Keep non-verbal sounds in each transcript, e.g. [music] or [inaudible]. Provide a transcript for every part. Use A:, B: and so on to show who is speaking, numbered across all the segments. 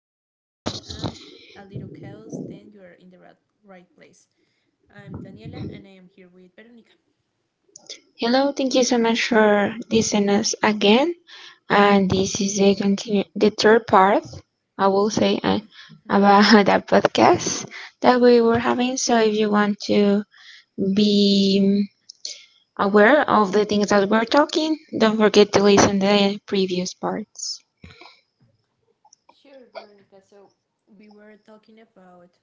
A: curiosity, and a little chaos, then you are in the right place. I'm Daniela and I am here with Veronica.
B: Hello, thank you so much for listening us again. And this is the continue the third part, I will say, about [laughs] the podcast that we were having. So if you want to be aware of the things that we're talking, don't forget to listen the previous parts.
A: Sure, Veronica. We were talking about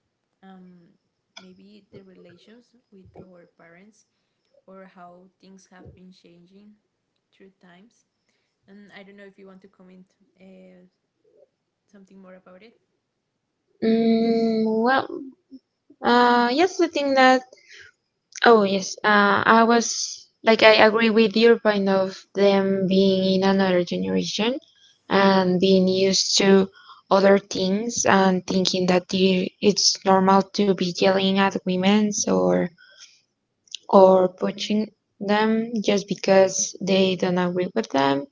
A: um, maybe the relations with our parents or how things have been changing through times. And I don't know if you want to comment uh, something more about it.
B: Well, yes, the thing that Oh yes, I was like I agree with your point of them being in another generation and being used to other things and thinking that it's normal to be yelling at women, or pushing them just because they don't agree with them,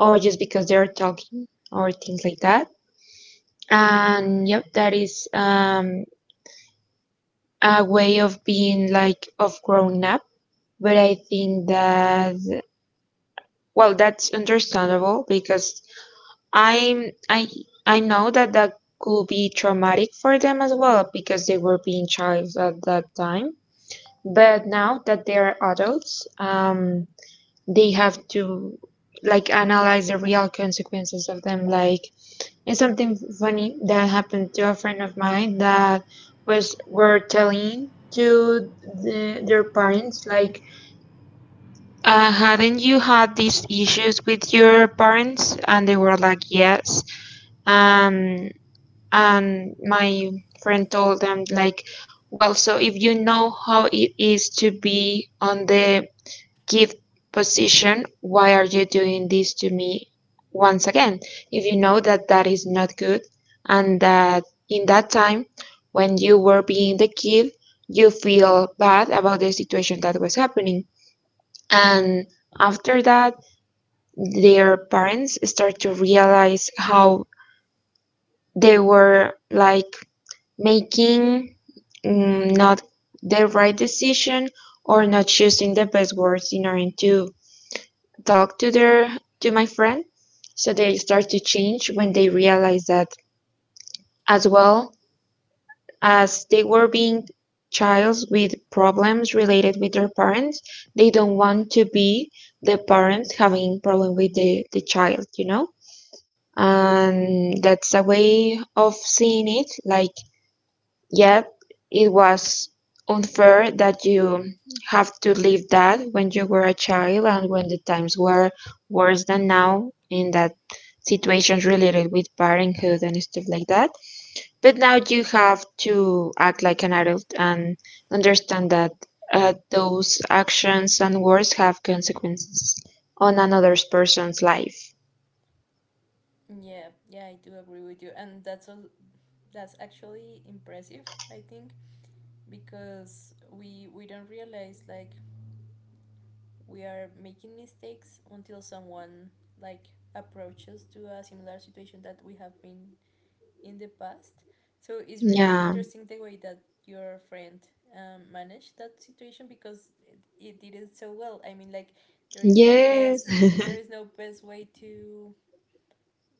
B: or just because they're talking or things like that. And yep, that is a way of being like of growing up, but I think that, well, that's understandable because I I know that could be traumatic for them as well because they were being child at that time. But now that they are adults, they have to like analyze the real consequences of them. Like, it's something funny that happened to a friend of mine that was were telling to their parents like, hadn't you had these issues with your parents? And they were like, yes. Um, and my friend told them, like, well, so if you know how it is to be on the gift position, why are you doing this to me once again? If you know that that is not good, and that in that time when you were being the gift, you feel bad about the situation that was happening. And after that, their parents start to realize how they were like making not the right decision, or not choosing the best words in order to talk to their to my friend. So they start to change when they realize that, as well as they were being childs with problems related with their parents, they don't want to be the parents having problem with the child. And that's a way of seeing it like, yeah, it was unfair that you have to live that when you were a child and when the times were worse than now in that situations related with parenthood and stuff like that. But now you have to act like an adult and understand that those actions and words have consequences on another person's life.
A: Yeah, yeah, I do agree with you, and that's all. That's actually impressive. I think because we don't realize, like, we are making mistakes until someone, like, approaches to a similar situation that we have been in the past, so it's really
B: Yeah.
A: interesting the way that your friend managed that situation because it did it so well. I mean, like, there is no
B: Yes.
A: best, there
B: [laughs]
A: is no best way to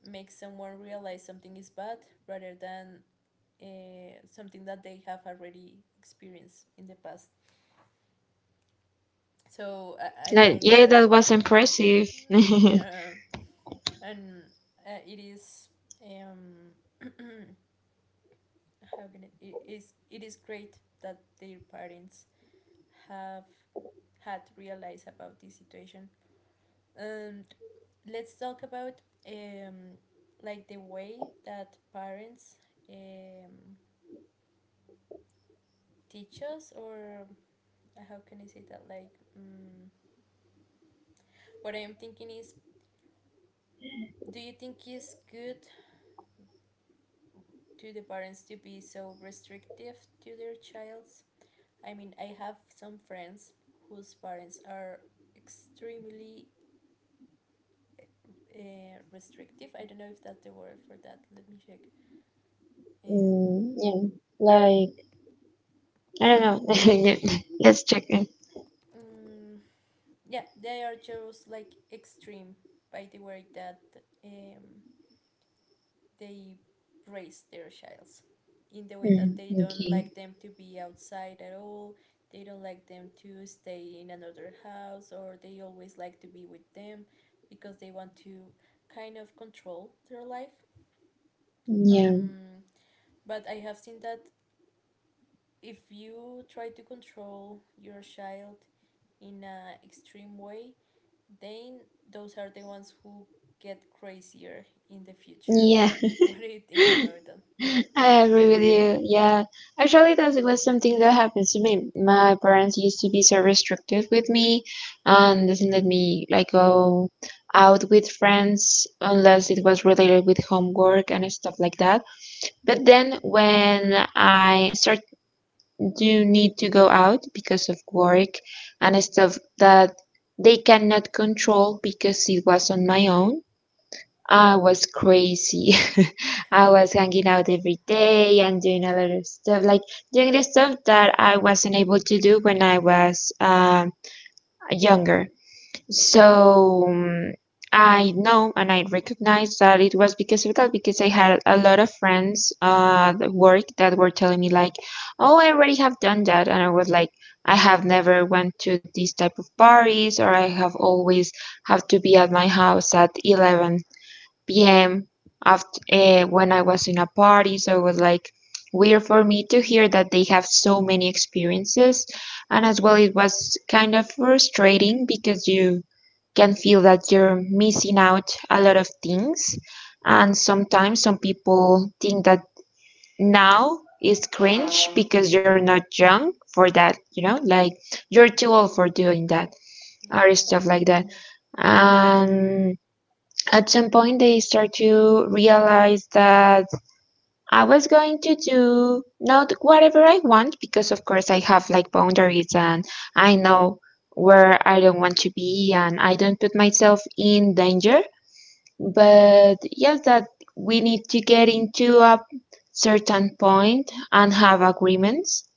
A: make someone realize something is bad rather than something that they have already experienced in the past. So I
B: Like,
A: find
B: yeah,
A: that,
B: that was impressive. [laughs]
A: [laughs]
B: I.
A: yeah, and it is um, [clears throat] it is great that their parents have had realized about this situation. And let's talk about um, like the way that parents um, teach us, or how can I say that, like, what I'm thinking is, do you think it's good to the parents to be so restrictive to their childs? I mean, I have some friends whose parents are extremely restrictive. I don't know if that's the word for that. Let me check. Um,
B: Mm, yeah, like, I don't know. [laughs] Yeah, let's check in.
A: mm, yeah, they are just like extreme by the way that um, they raise their childs, in the way
B: Mm,
A: that they don't
B: okay.
A: like them to be outside at all. They don't like them to stay in another house, or they always like to be with them because they want to kind of control their life.
B: Yeah.
A: um, but I have seen that if you try to control your child in an extreme way, then those are the ones who get crazier in the future.
B: Yeah.
A: What do you think
B: [laughs]
A: about that?
B: I agree with you. Yeah, actually, that was something that happens to me. My parents used to be so restrictive with me, and doesn't let me like go out with friends unless it was related with homework and stuff like that. But then when I started do need to go out because of work and stuff that they cannot control because it was on my own, I was crazy. [laughs] I was hanging out every day and doing a lot of stuff, like doing the stuff that I wasn't able to do when I was younger. So, mm, I know and I recognize that it was because of that, because I had a lot of friends at work that were telling me, like, oh, I already have done that. And I was like, I have never went to these type of parties, or I have always have to be at my house at 11 p.m. after when I was in a party. So it was like weird for me to hear that they have so many experiences, and as well it was kind of frustrating because you can feel that you're missing out a lot of things, and sometimes some people think that now is cringe because you're not young for that, you know, like you're too old for
A: Mm,
B: doing
A: okay.
B: that
A: Yeah,
B: or
A: yeah.
B: stuff like that. And at some point they start to realize that I was going to do not whatever I want, because of course I have like boundaries and I know where I don't want to be and I don't put myself in danger. But yes, that we need to get into a certain point and have agreements,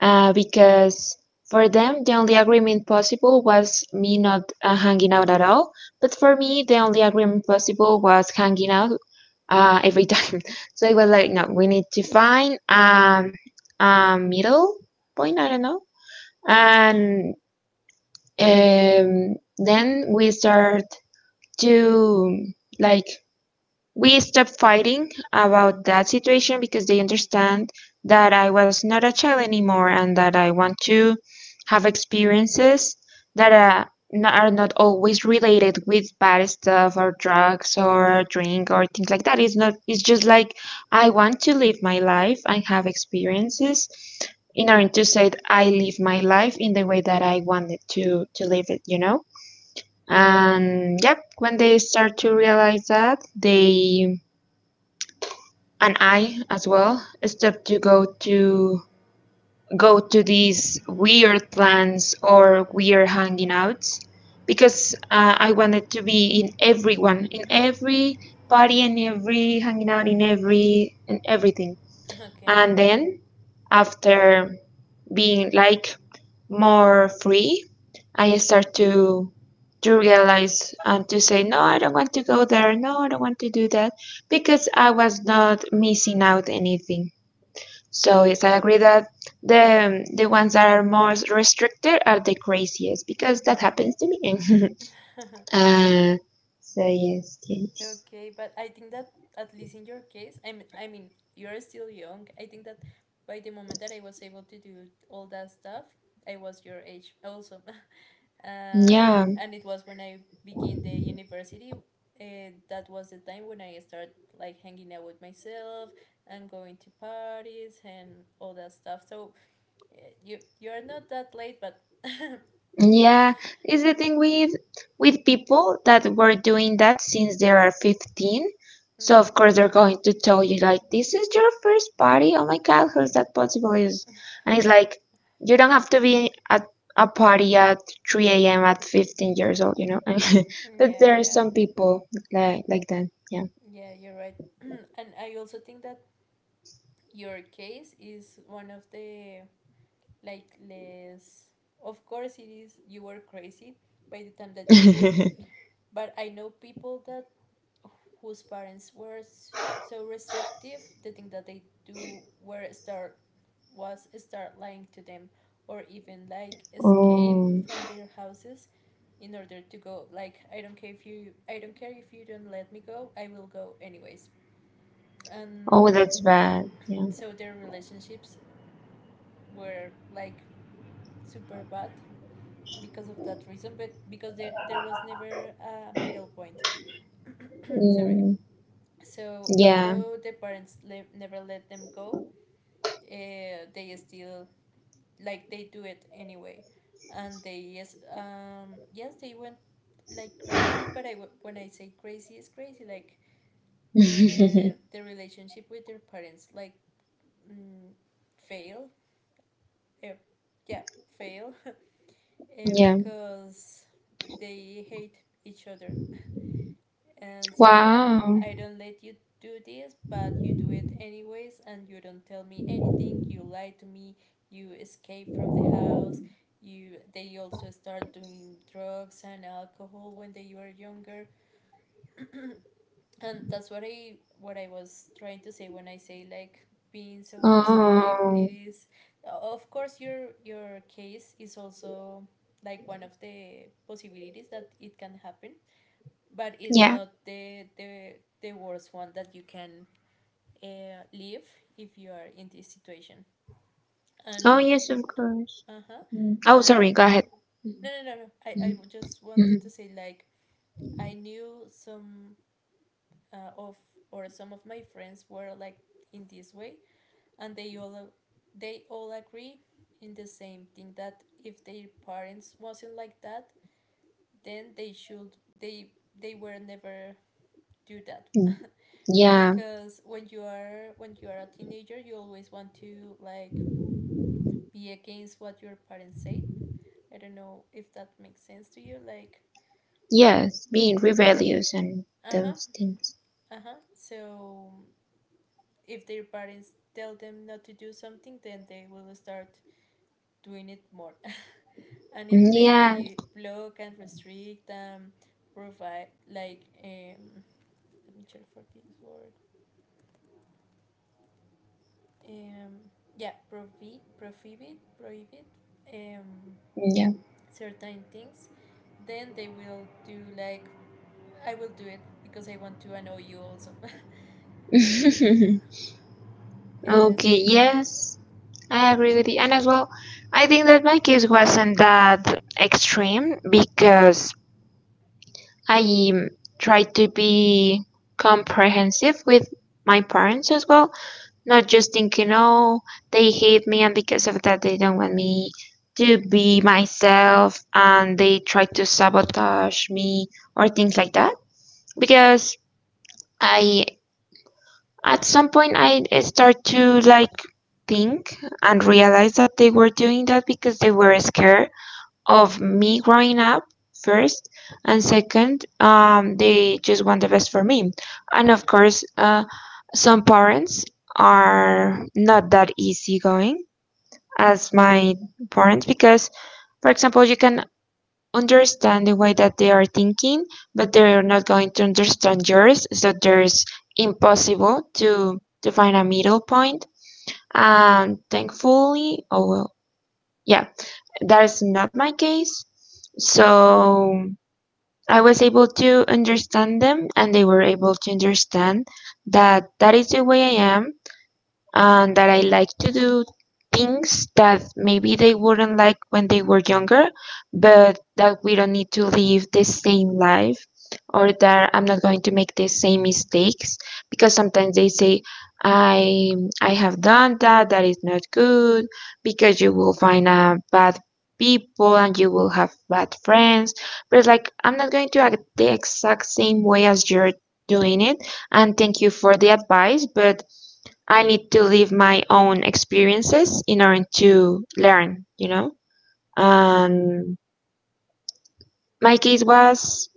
B: because for them the only agreement possible was me not hanging out at all. But for me, the only agreement possible was hanging out every time. [laughs] So it was like, no, we need to find a middle point, I don't know. And then we start to like we stopped fighting about that situation because they understand that I was not a child anymore and that I want to have experiences that are are not always related with bad stuff or drugs or drink or things like that. It's not, it's just like I want to live my life and have experiences in order to say that I live my life in the way that I wanted to live it, you know? And yep, when they start to realize that, they and I as well stop to go to these weird plans or weird hanging outs because I wanted to be in everyone, in every party, and every hanging out, in every in everything.
A: Okay.
B: And then after being like more free, I start to realize and to say no, I don't want to go there, no I don't want to do that, because I was not missing out anything. So yes, I agree that the ones that are most restricted are the craziest, because that happens to me. [laughs]
A: [laughs]
B: uh, so yes, yes,
A: Okay, but I think that at least in your case, I mean, you're still young. I think that by the moment that I was able to do all that stuff, I was your age also. [laughs]
B: yeah.
A: And it was when I began the university. That was the time when I started like hanging out with myself and going to parties and all that stuff. So uh, you, you're not that late. But
B: Yeah, it's the thing with people that were doing that since they are 15. So
A: mm,
B: of course they're going to tell you like, this is your first party. Oh my god, how is that possible? Is. And it's like, you don't have to be at a party at 3 a.m. at 15 years old, you know. [laughs]
A: mm,
B: But
A: yeah,
B: there are
A: yeah.
B: some people like that.
A: Yeah, you're right. [clears throat] And I also think that your case is one of the like less, of course it is. You were crazy by the time that you could,
B: Yeah. [laughs]
A: but I know people that whose parents were so restrictive, the thing that they do were start was start lying to them, or even like escape
B: Oh,
A: from their houses in order to go, like, I don't care if you, I don't care if you don't let me go, I will go anyways.
B: oh,
A: And
B: that's bad. Yeah.
A: so their relationships were like super bad because of that reason, but because there was never a middle point. [clears throat] Sorry.
B: Mm,
A: So even
B: yeah.
A: though the parents never let them go, they still, like, they do it anyway, and they yes yes they went like crazy. But I, when I say crazy, it's crazy like
B: [laughs]
A: the relationship with their parents, like, mm, fail. Uh, yeah, fail
B: Yeah.
A: because they hate each other. And so
B: Wow.
A: I don't let you do this, but you do it anyways, and you don't tell me anything. You lie to me. You escape from the house. You, they also start doing drugs and alcohol when they were younger, and that's what I was trying to say when I say like being so restrictive,
B: Oh.
A: it is, of course your case is also like one of the possibilities that it can happen, but it's
B: Yeah.
A: not the worst one that you can live if you are in this situation.
B: Oh,
A: And
B: yes, of course.
A: uh-huh,
B: Mm. Oh, sorry. Go
A: and
B: ahead.
A: no
B: Mhm.
A: no no no I, I just wanted to
B: Mhm.
A: say like I knew some of, or some of my friends were like in this way, and they all agree in the same thing that if their parents wasn't like that, then they they were never do that.
B: Mm. Yeah.
A: Because when you are, when you are a teenager, you always want to like be against what your parents say. I don't know if that makes sense to you. Like
B: Yes. Being rebellious and
A: uh-huh,
B: those things.
A: uh-huh, so if their parents tell them not to do something, then they will start doing it more. And
B: Mm,
A: if
B: yeah.
A: they block and restrict and provide like let me check for this word. um yeah, prohibit um
B: Mm,
A: certain things. Then they will do like, I will do it because I want to annoy you also. [laughs]
B: yeah. [laughs]
A: So
B: Okay.
A: yeah.
B: Yes. I agree with you. And as well, I think that my case wasn't that extreme because I, um, tried to be comprehensive with my parents as well. Not just thinking, oh, they hate me and because of that they don't want me to be myself and they try to sabotage me or things like that. Because I, at some point, I start to like think and realize that they were doing that because they were scared of me growing up first, and second they just want the best for me. And of course, some parents are not that easygoing as my parents, because for example you can understand the way that they are thinking but they're not going to understand yours, so there's impossible to find a middle point. And thankfully, oh well, yeah, that is not my case, so I was able to understand them and they were able to understand that that is the way I am and that I like to do things that maybe they wouldn't like when they were younger, but that we don't need to live the same life or that I'm not going to make the same mistakes, because sometimes they say I I have done that, that is not good because you will find bad people and you will have bad friends. But it's like, I'm not going to act the exact same way as you're doing it, and thank you for the advice, but I need to live my own experiences in order to learn, you know?
A: Yeah.
B: And my case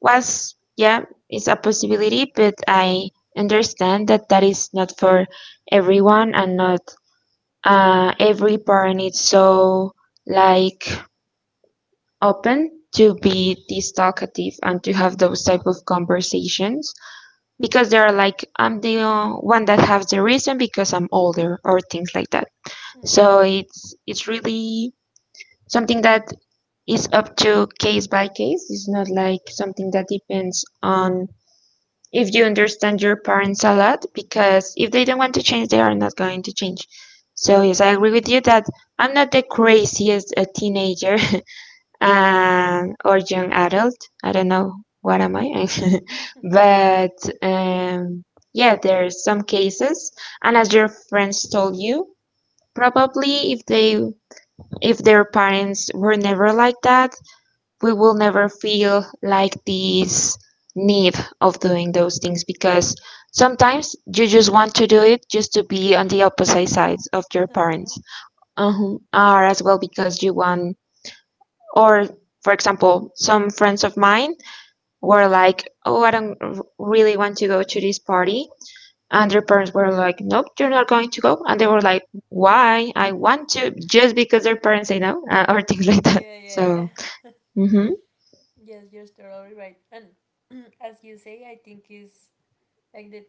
B: was, yeah, it's a possibility, but I understand that that is not for everyone, and not every parent is so like open to be this talkative and to have those type of conversations, because they are like, I'm the one that has the reason because I'm older or things like that.
A: Mm,
B: So
A: okay.
B: it's really something that is up to case by case. It's not like something that depends on if you understand your parents a lot, because if they don't want to change, they are not going to change. So yes, I agree with you that I'm not the craziest teenager, [laughs] or young adult. I don't know what am I, [laughs] but um, yeah, there's some cases, and as your friends told you, probably if their parents were never like that, we will never feel like this need of doing those things, because sometimes you just want to do it just to be on the opposite sides of your parents,
A: Uh-huh.
B: uh or as well because you want, or, for example, some friends of mine were like, "Oh, I don't really want to go to this party," and their parents were like, "Nope, you're not going to go," and they were like, "Why? I want to, just because their parents say no." Or things [laughs] like that.
A: Yeah,
B: So
A: yeah,
B: mm-hmm.
A: yeah, yes, you're totally right. And [clears throat] as you say, I think is like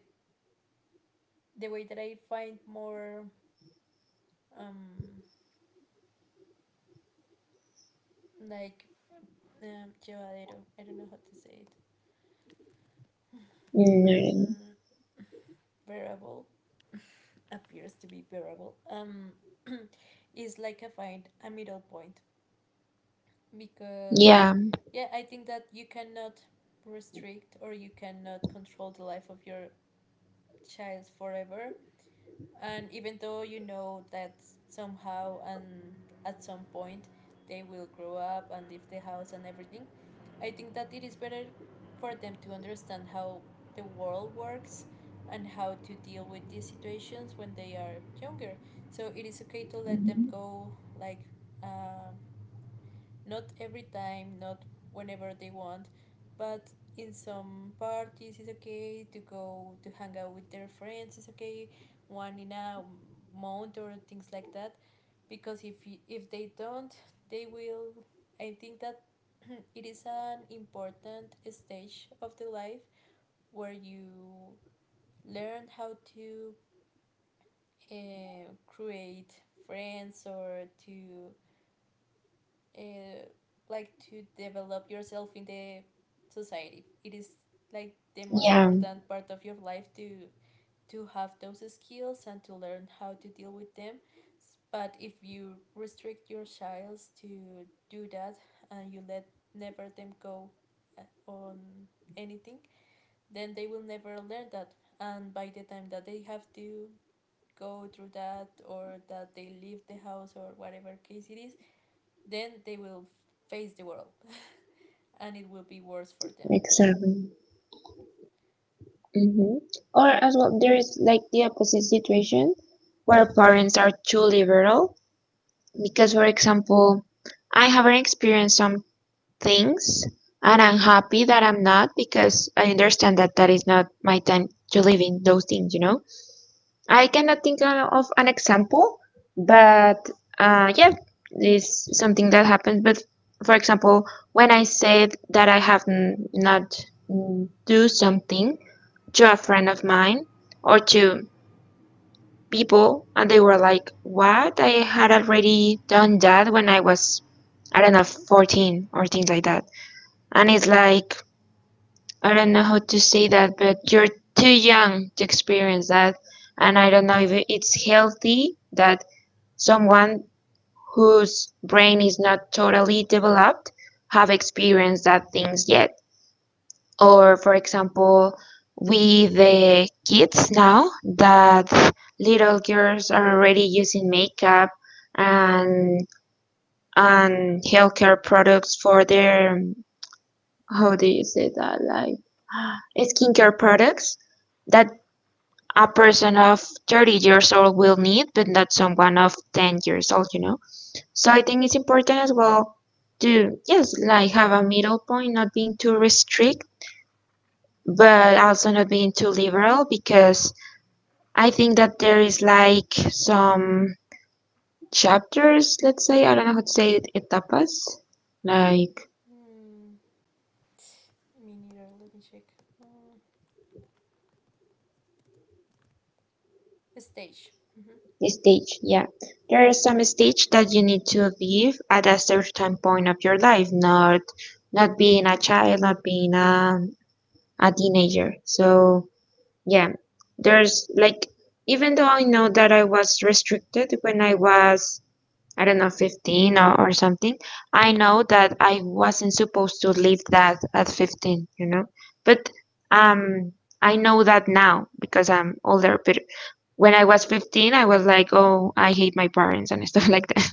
A: the way that I find more um like llevadero. I don't know how to say it.
B: Mm,
A: Mm, bearable appears to be variable. [clears throat] Is like a find a middle point. Because,
B: yeah.
A: yeah, I think that you cannot restrict or you cannot control the life of your child forever. And even though you know that somehow and at some point they will grow up and leave the house and everything, I think that it is better for them to understand how the world works and how to deal with these situations when they are younger. So it is okay to let them
B: Mhm,
A: go, like, um not every time, not whenever they want, but in some parties it's okay to go to hang out with their friends. It's okay one in a month or things like that. Because if, you, if they don't, they will. I think that [clears throat] it is an important stage of the life where you learn how to create friends, or to uh, like to develop yourself in the society. It is like the most
B: yeah,
A: important part of your life to have those skills and to learn how to deal with them. But if you restrict your child to do that and you let never them go on anything, then they will never learn that. And by the time that they have to go through that, or that they leave the house, or whatever case it is, then they will face the world and it will be worse for them.
B: exactly. Mm-hmm. Or as well, there is like the opposite situation where parents are too liberal. Because, for example, I haven't experienced some things, and I'm happy that I'm not, because I understand that that is not my time to live in those things, you know? I cannot think of an example, but yeah, it's something that happens. But, for example, when I said that I have not do something to a friend of mine or to people, and they were like, "What? I had already done that when I was, I don't know, 14 or things like that." And it's like, I don't know how to say that, but you're too young to experience that, and I don't know if it's healthy that someone whose brain is not totally developed have experienced that things yet. Or, for example, with the kids now, that little girls are already using makeup and and healthcare products for their, how do you say that, like, [gasps] skincare products that a person of 30 years old will need but not someone of 10 years old. So I think it's important as well to, yes, like, have a middle point, not being too restrict, but also not being too liberal, because I think that there is like some chapters, let's say, I don't know how to say it, etapas, like,
A: Hmm. Me neither. Let me check. Uh, stage. Hmm.
B: stage, yeah. There are some stage that you need to leave at a certain point of your life, not being a child, not being a teenager. So yeah, there's like, even though I know that I was restricted when I was, I don't know, 15 or something, I know that I wasn't supposed to leave that at 15, you know? But um, I know that now because I'm older. But when I was 15, I was like, oh, I hate my parents and stuff [laughs] like that.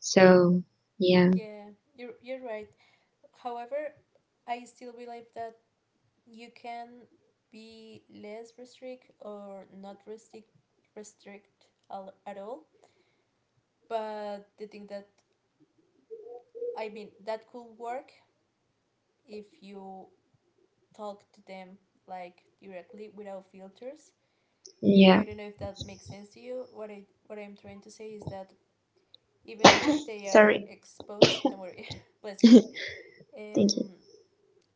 B: So, yeah,
A: Yeah, you're right. However, I still believe that you can be less restrict, or not restrict, at all. But the thing that I mean, that could work if you talk to them like directly without filters.
B: yeah.
A: I don't know if that makes sense to you. What I, what I'm trying to say is that even when they are
B: Sorry.
A: exposed, don't worry, [laughs] bless you.
B: [laughs] Thank you.
A: Um,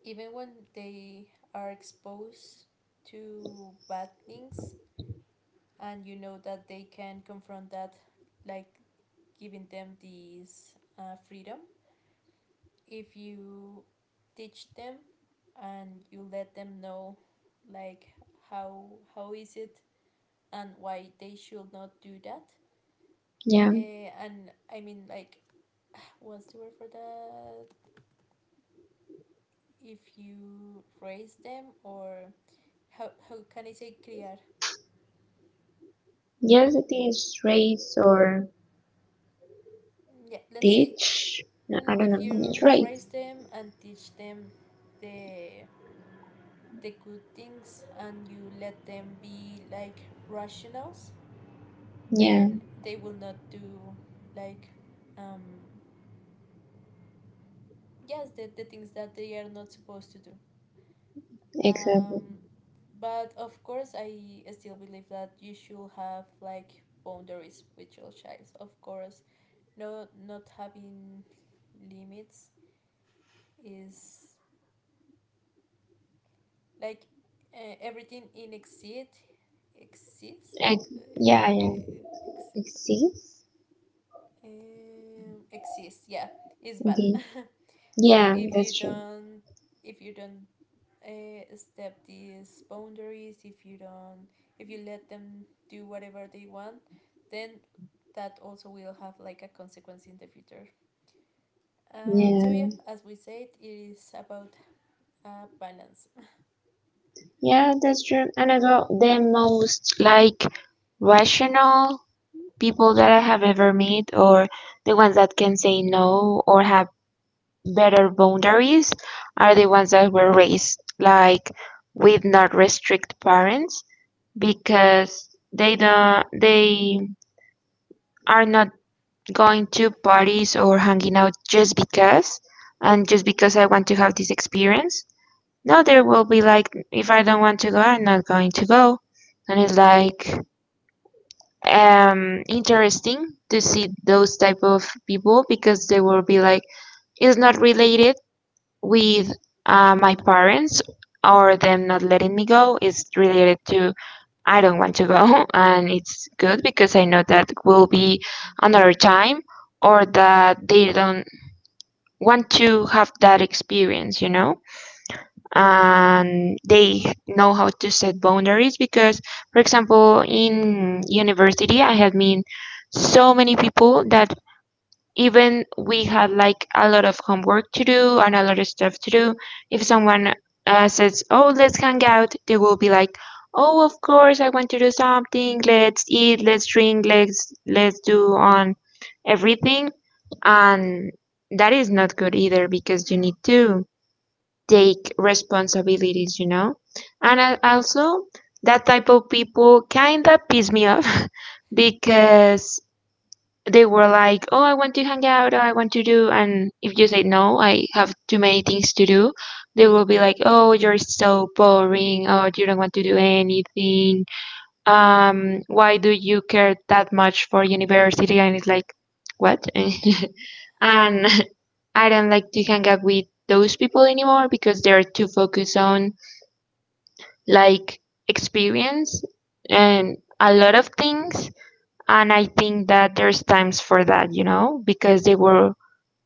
A: even when they are exposed to bad things, and you know that they can confront that, like giving them this freedom. If you teach them, and you let them know, like, how is it and why they should not do that.
B: Yeah.
A: And I mean, like, what's the word for that? If you raise them, or how can I say criar?
B: Yes, it is race or
A: Yeah, let's say
B: teach. No, I
A: mm,
B: don't
A: if
B: know.
A: you
B: It's race.
A: raise them and teach them the the good things, and you let them be like rationals,
B: Yeah,
A: then they will not do like um yes the things that they are not supposed to do. um,
B: exactly.
A: but of course I still believe that you should have like boundaries with your child. Of course, no not having limits is like everything in exceed exists
B: I,
A: ex-
B: yeah, yeah.
A: uh,
B: Like
A: exists,
B: six?
A: exists, yeah, is bad. [laughs]
B: Okay.
A: So
B: Yeah,
A: if you
B: that's true.
A: don't, if you don't step these boundaries, if you don't, if you let them do whatever they want, then that also will have like a consequence in the future. So
B: Yeah,
A: yeah, as we said, it is about balance.
B: yeah, that's true. And as well, the most like rational people that I have ever met, or the ones that can say no or have better boundaries, are the ones that were raised like with not restrict parents, because they don't, they are not going to parties or hanging out just because, and just because I want to have this experience. Now there will be like, if I don't want to go, I'm not going to go. And it's like, interesting to see those type of people, because they will be like, it's not related with my parents or them not letting me go, it's related to, I don't want to go, [laughs] and it's good because I know that will be another time, or that they don't want to have that experience, you know, and they know how to set boundaries, because, for example, in university, I had been so many people that even we had like a lot of homework to do and a lot of stuff to do. If someone says, "Oh, let's hang out," they will be like, "Oh, of course, I want to do something. Let's eat, let's drink, let's do on everything." And that is not good either, because you need to take responsibilities, you know? And I, also, that type of people kind of piss me off [laughs]
A: [laughs]
B: because they were like, oh, I want to hang out, oh, I want to do. And if you say, no, I have too many things to do, they will be like, oh, you're so boring, oh, you don't want to do anything, why do you care that much for university? And it's like, what? [laughs] And [laughs] I don't like to hang out with those people anymore because they're too focused on, like, experience and a lot of things, and I think that there's times for that, you know, because they will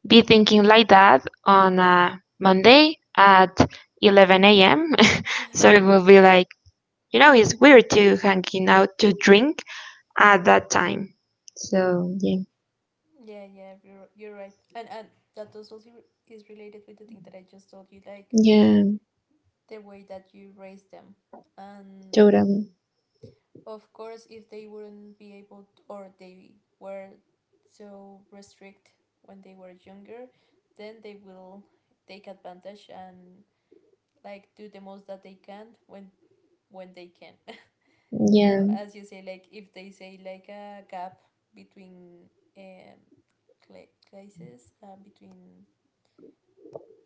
B: be thinking like that on a Monday at 11 a.m. [laughs] So it will be like, you know, it's weird to hanging out to drink at that time. So, yeah,
A: Yeah, yeah, you're right, and that also is related with the thing that I just told you, like
B: yeah,
A: the way that you raise them. And
B: totally.
A: of course, if they wouldn't be able t or they were so restrict when they were younger, then they will take advantage and like do the most that they can when they can. [laughs] So
B: Yeah,
A: as you say, like if they say like a gap between um, cl classes, between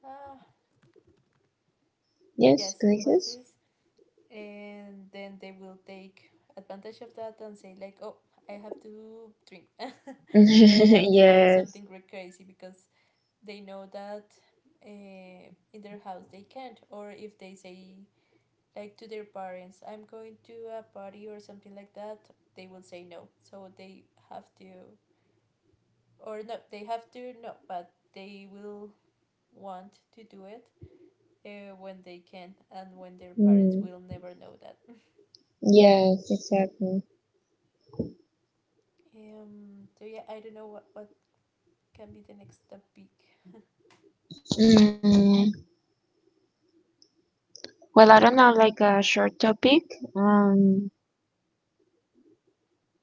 A: ah uh,
B: yes,
A: yes,
B: places.
A: classes, and then they will take advantage of that and say like, oh, I have to drink, [laughs] or I have
B: [laughs]
A: to do
B: Yes.
A: something really crazy because they know that uh, in their house they can't, or if they say like to their parents I'm going to a party or something like that, they will say no, so they have to, or no, they have to, no, but they will want to do it when they can and when their parents
B: Mm.
A: will never know that.
B: Yes, exactly.
A: So yeah, I don't know what can be the next topic.
B: Mm. Well, I don't know, like a short topic. Um,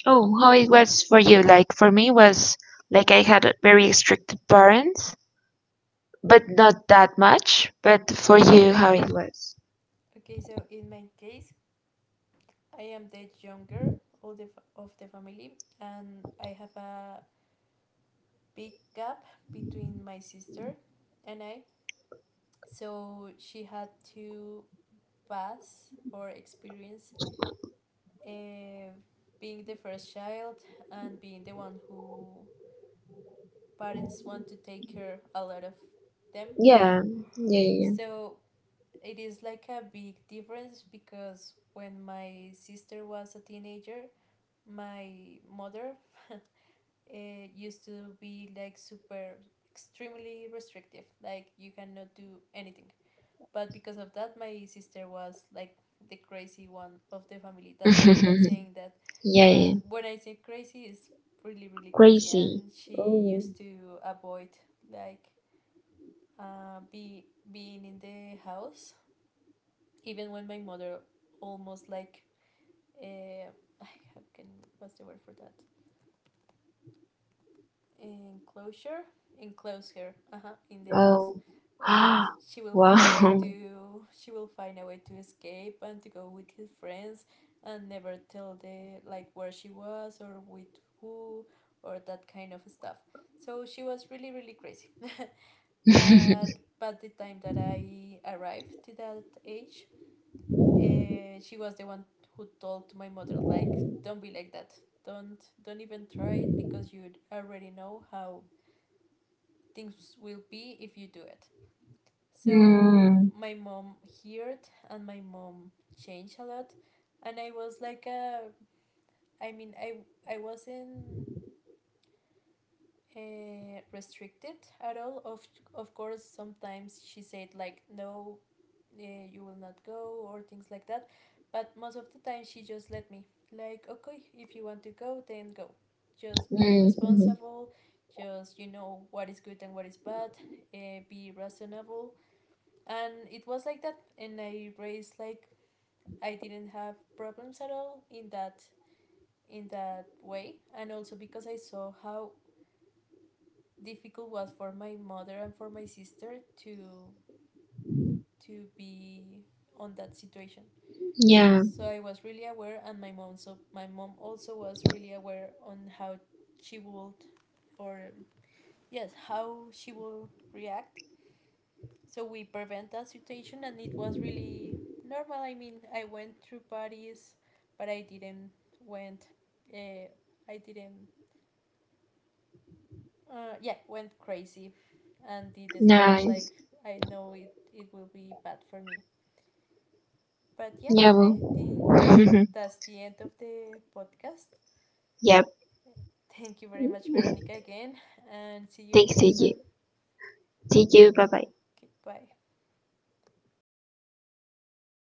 B: oh, how it was for you? Like for me was, like, I had a very strict parents, but not that much. But for you, how it was?
A: Okay, so in my case, I am the younger, older of the family, and I have a big gap between my sister and I. So she had to pass or experience uh, being the first child and being the one who parents want to take care a lot of them. [laughs]
B: Yeah, yeah,
A: So it is like a big difference, because when my sister was a teenager, my mother [laughs] eh, used to be like super extremely restrictive, like you cannot do anything. But because of that, my sister was like the crazy one of the family.
B: yeah,
A: That's what I
B: yeah,
A: am
B: [laughs]
A: saying that.
B: yeah, yeah.
A: But when I say crazy, it's really, really crazy,
B: Crazy.
A: and she
B: Oh.
A: used to avoid like be being in the house, even when my mother almost like, uh, how can, what's the word for that, enclosure, enclose her, uh-huh, in the house,
B: Oh.
A: well,
B: [gasps] Wow.
A: she will find a way to escape and to go with his friends, and never tell the like where she was or with who or that kind of stuff. So she was really, really crazy, [laughs] but
B: [laughs]
A: but the time that I arrived to that age, she was the one who told my mother like, don't be like that, don't even try it, because you already know how things will be if you do it. So
B: Mm.
A: my mom heard, and my mom changed a lot, and I was like, I mean, I wasn't restricted at all. Of course, sometimes she said like no, uh, you will not go or things like that, but most of the time she just let me, like, okay, if you want to go then go, just be
B: Mhm.
A: responsible, just you know what is good and what is bad, be reasonable. And it was like that, and I raised like I didn't have problems at all in that way. And also because I saw how difficult was for my mother and for my sister to be on that situation.
B: Yeah.
A: So I was really aware, and my mom also was really aware on how she would, or yes, how she would react. So we prevent that situation, and it was really normal. I mean, I went through parties, but I didn't went. Uh, I didn't. Yeah, went crazy, and did the stuff like
B: Nice.
A: I know it will be bad for me. But yeah,
B: Yeah.
A: I think
B: Well. [laughs]
A: that's the end of the podcast.
B: Yep.
A: Thank you very much, Veronica, again, and see you in the
B: Thanks,
A: next one.
B: CJ. See you. Bye bye.
A: Okay, bye.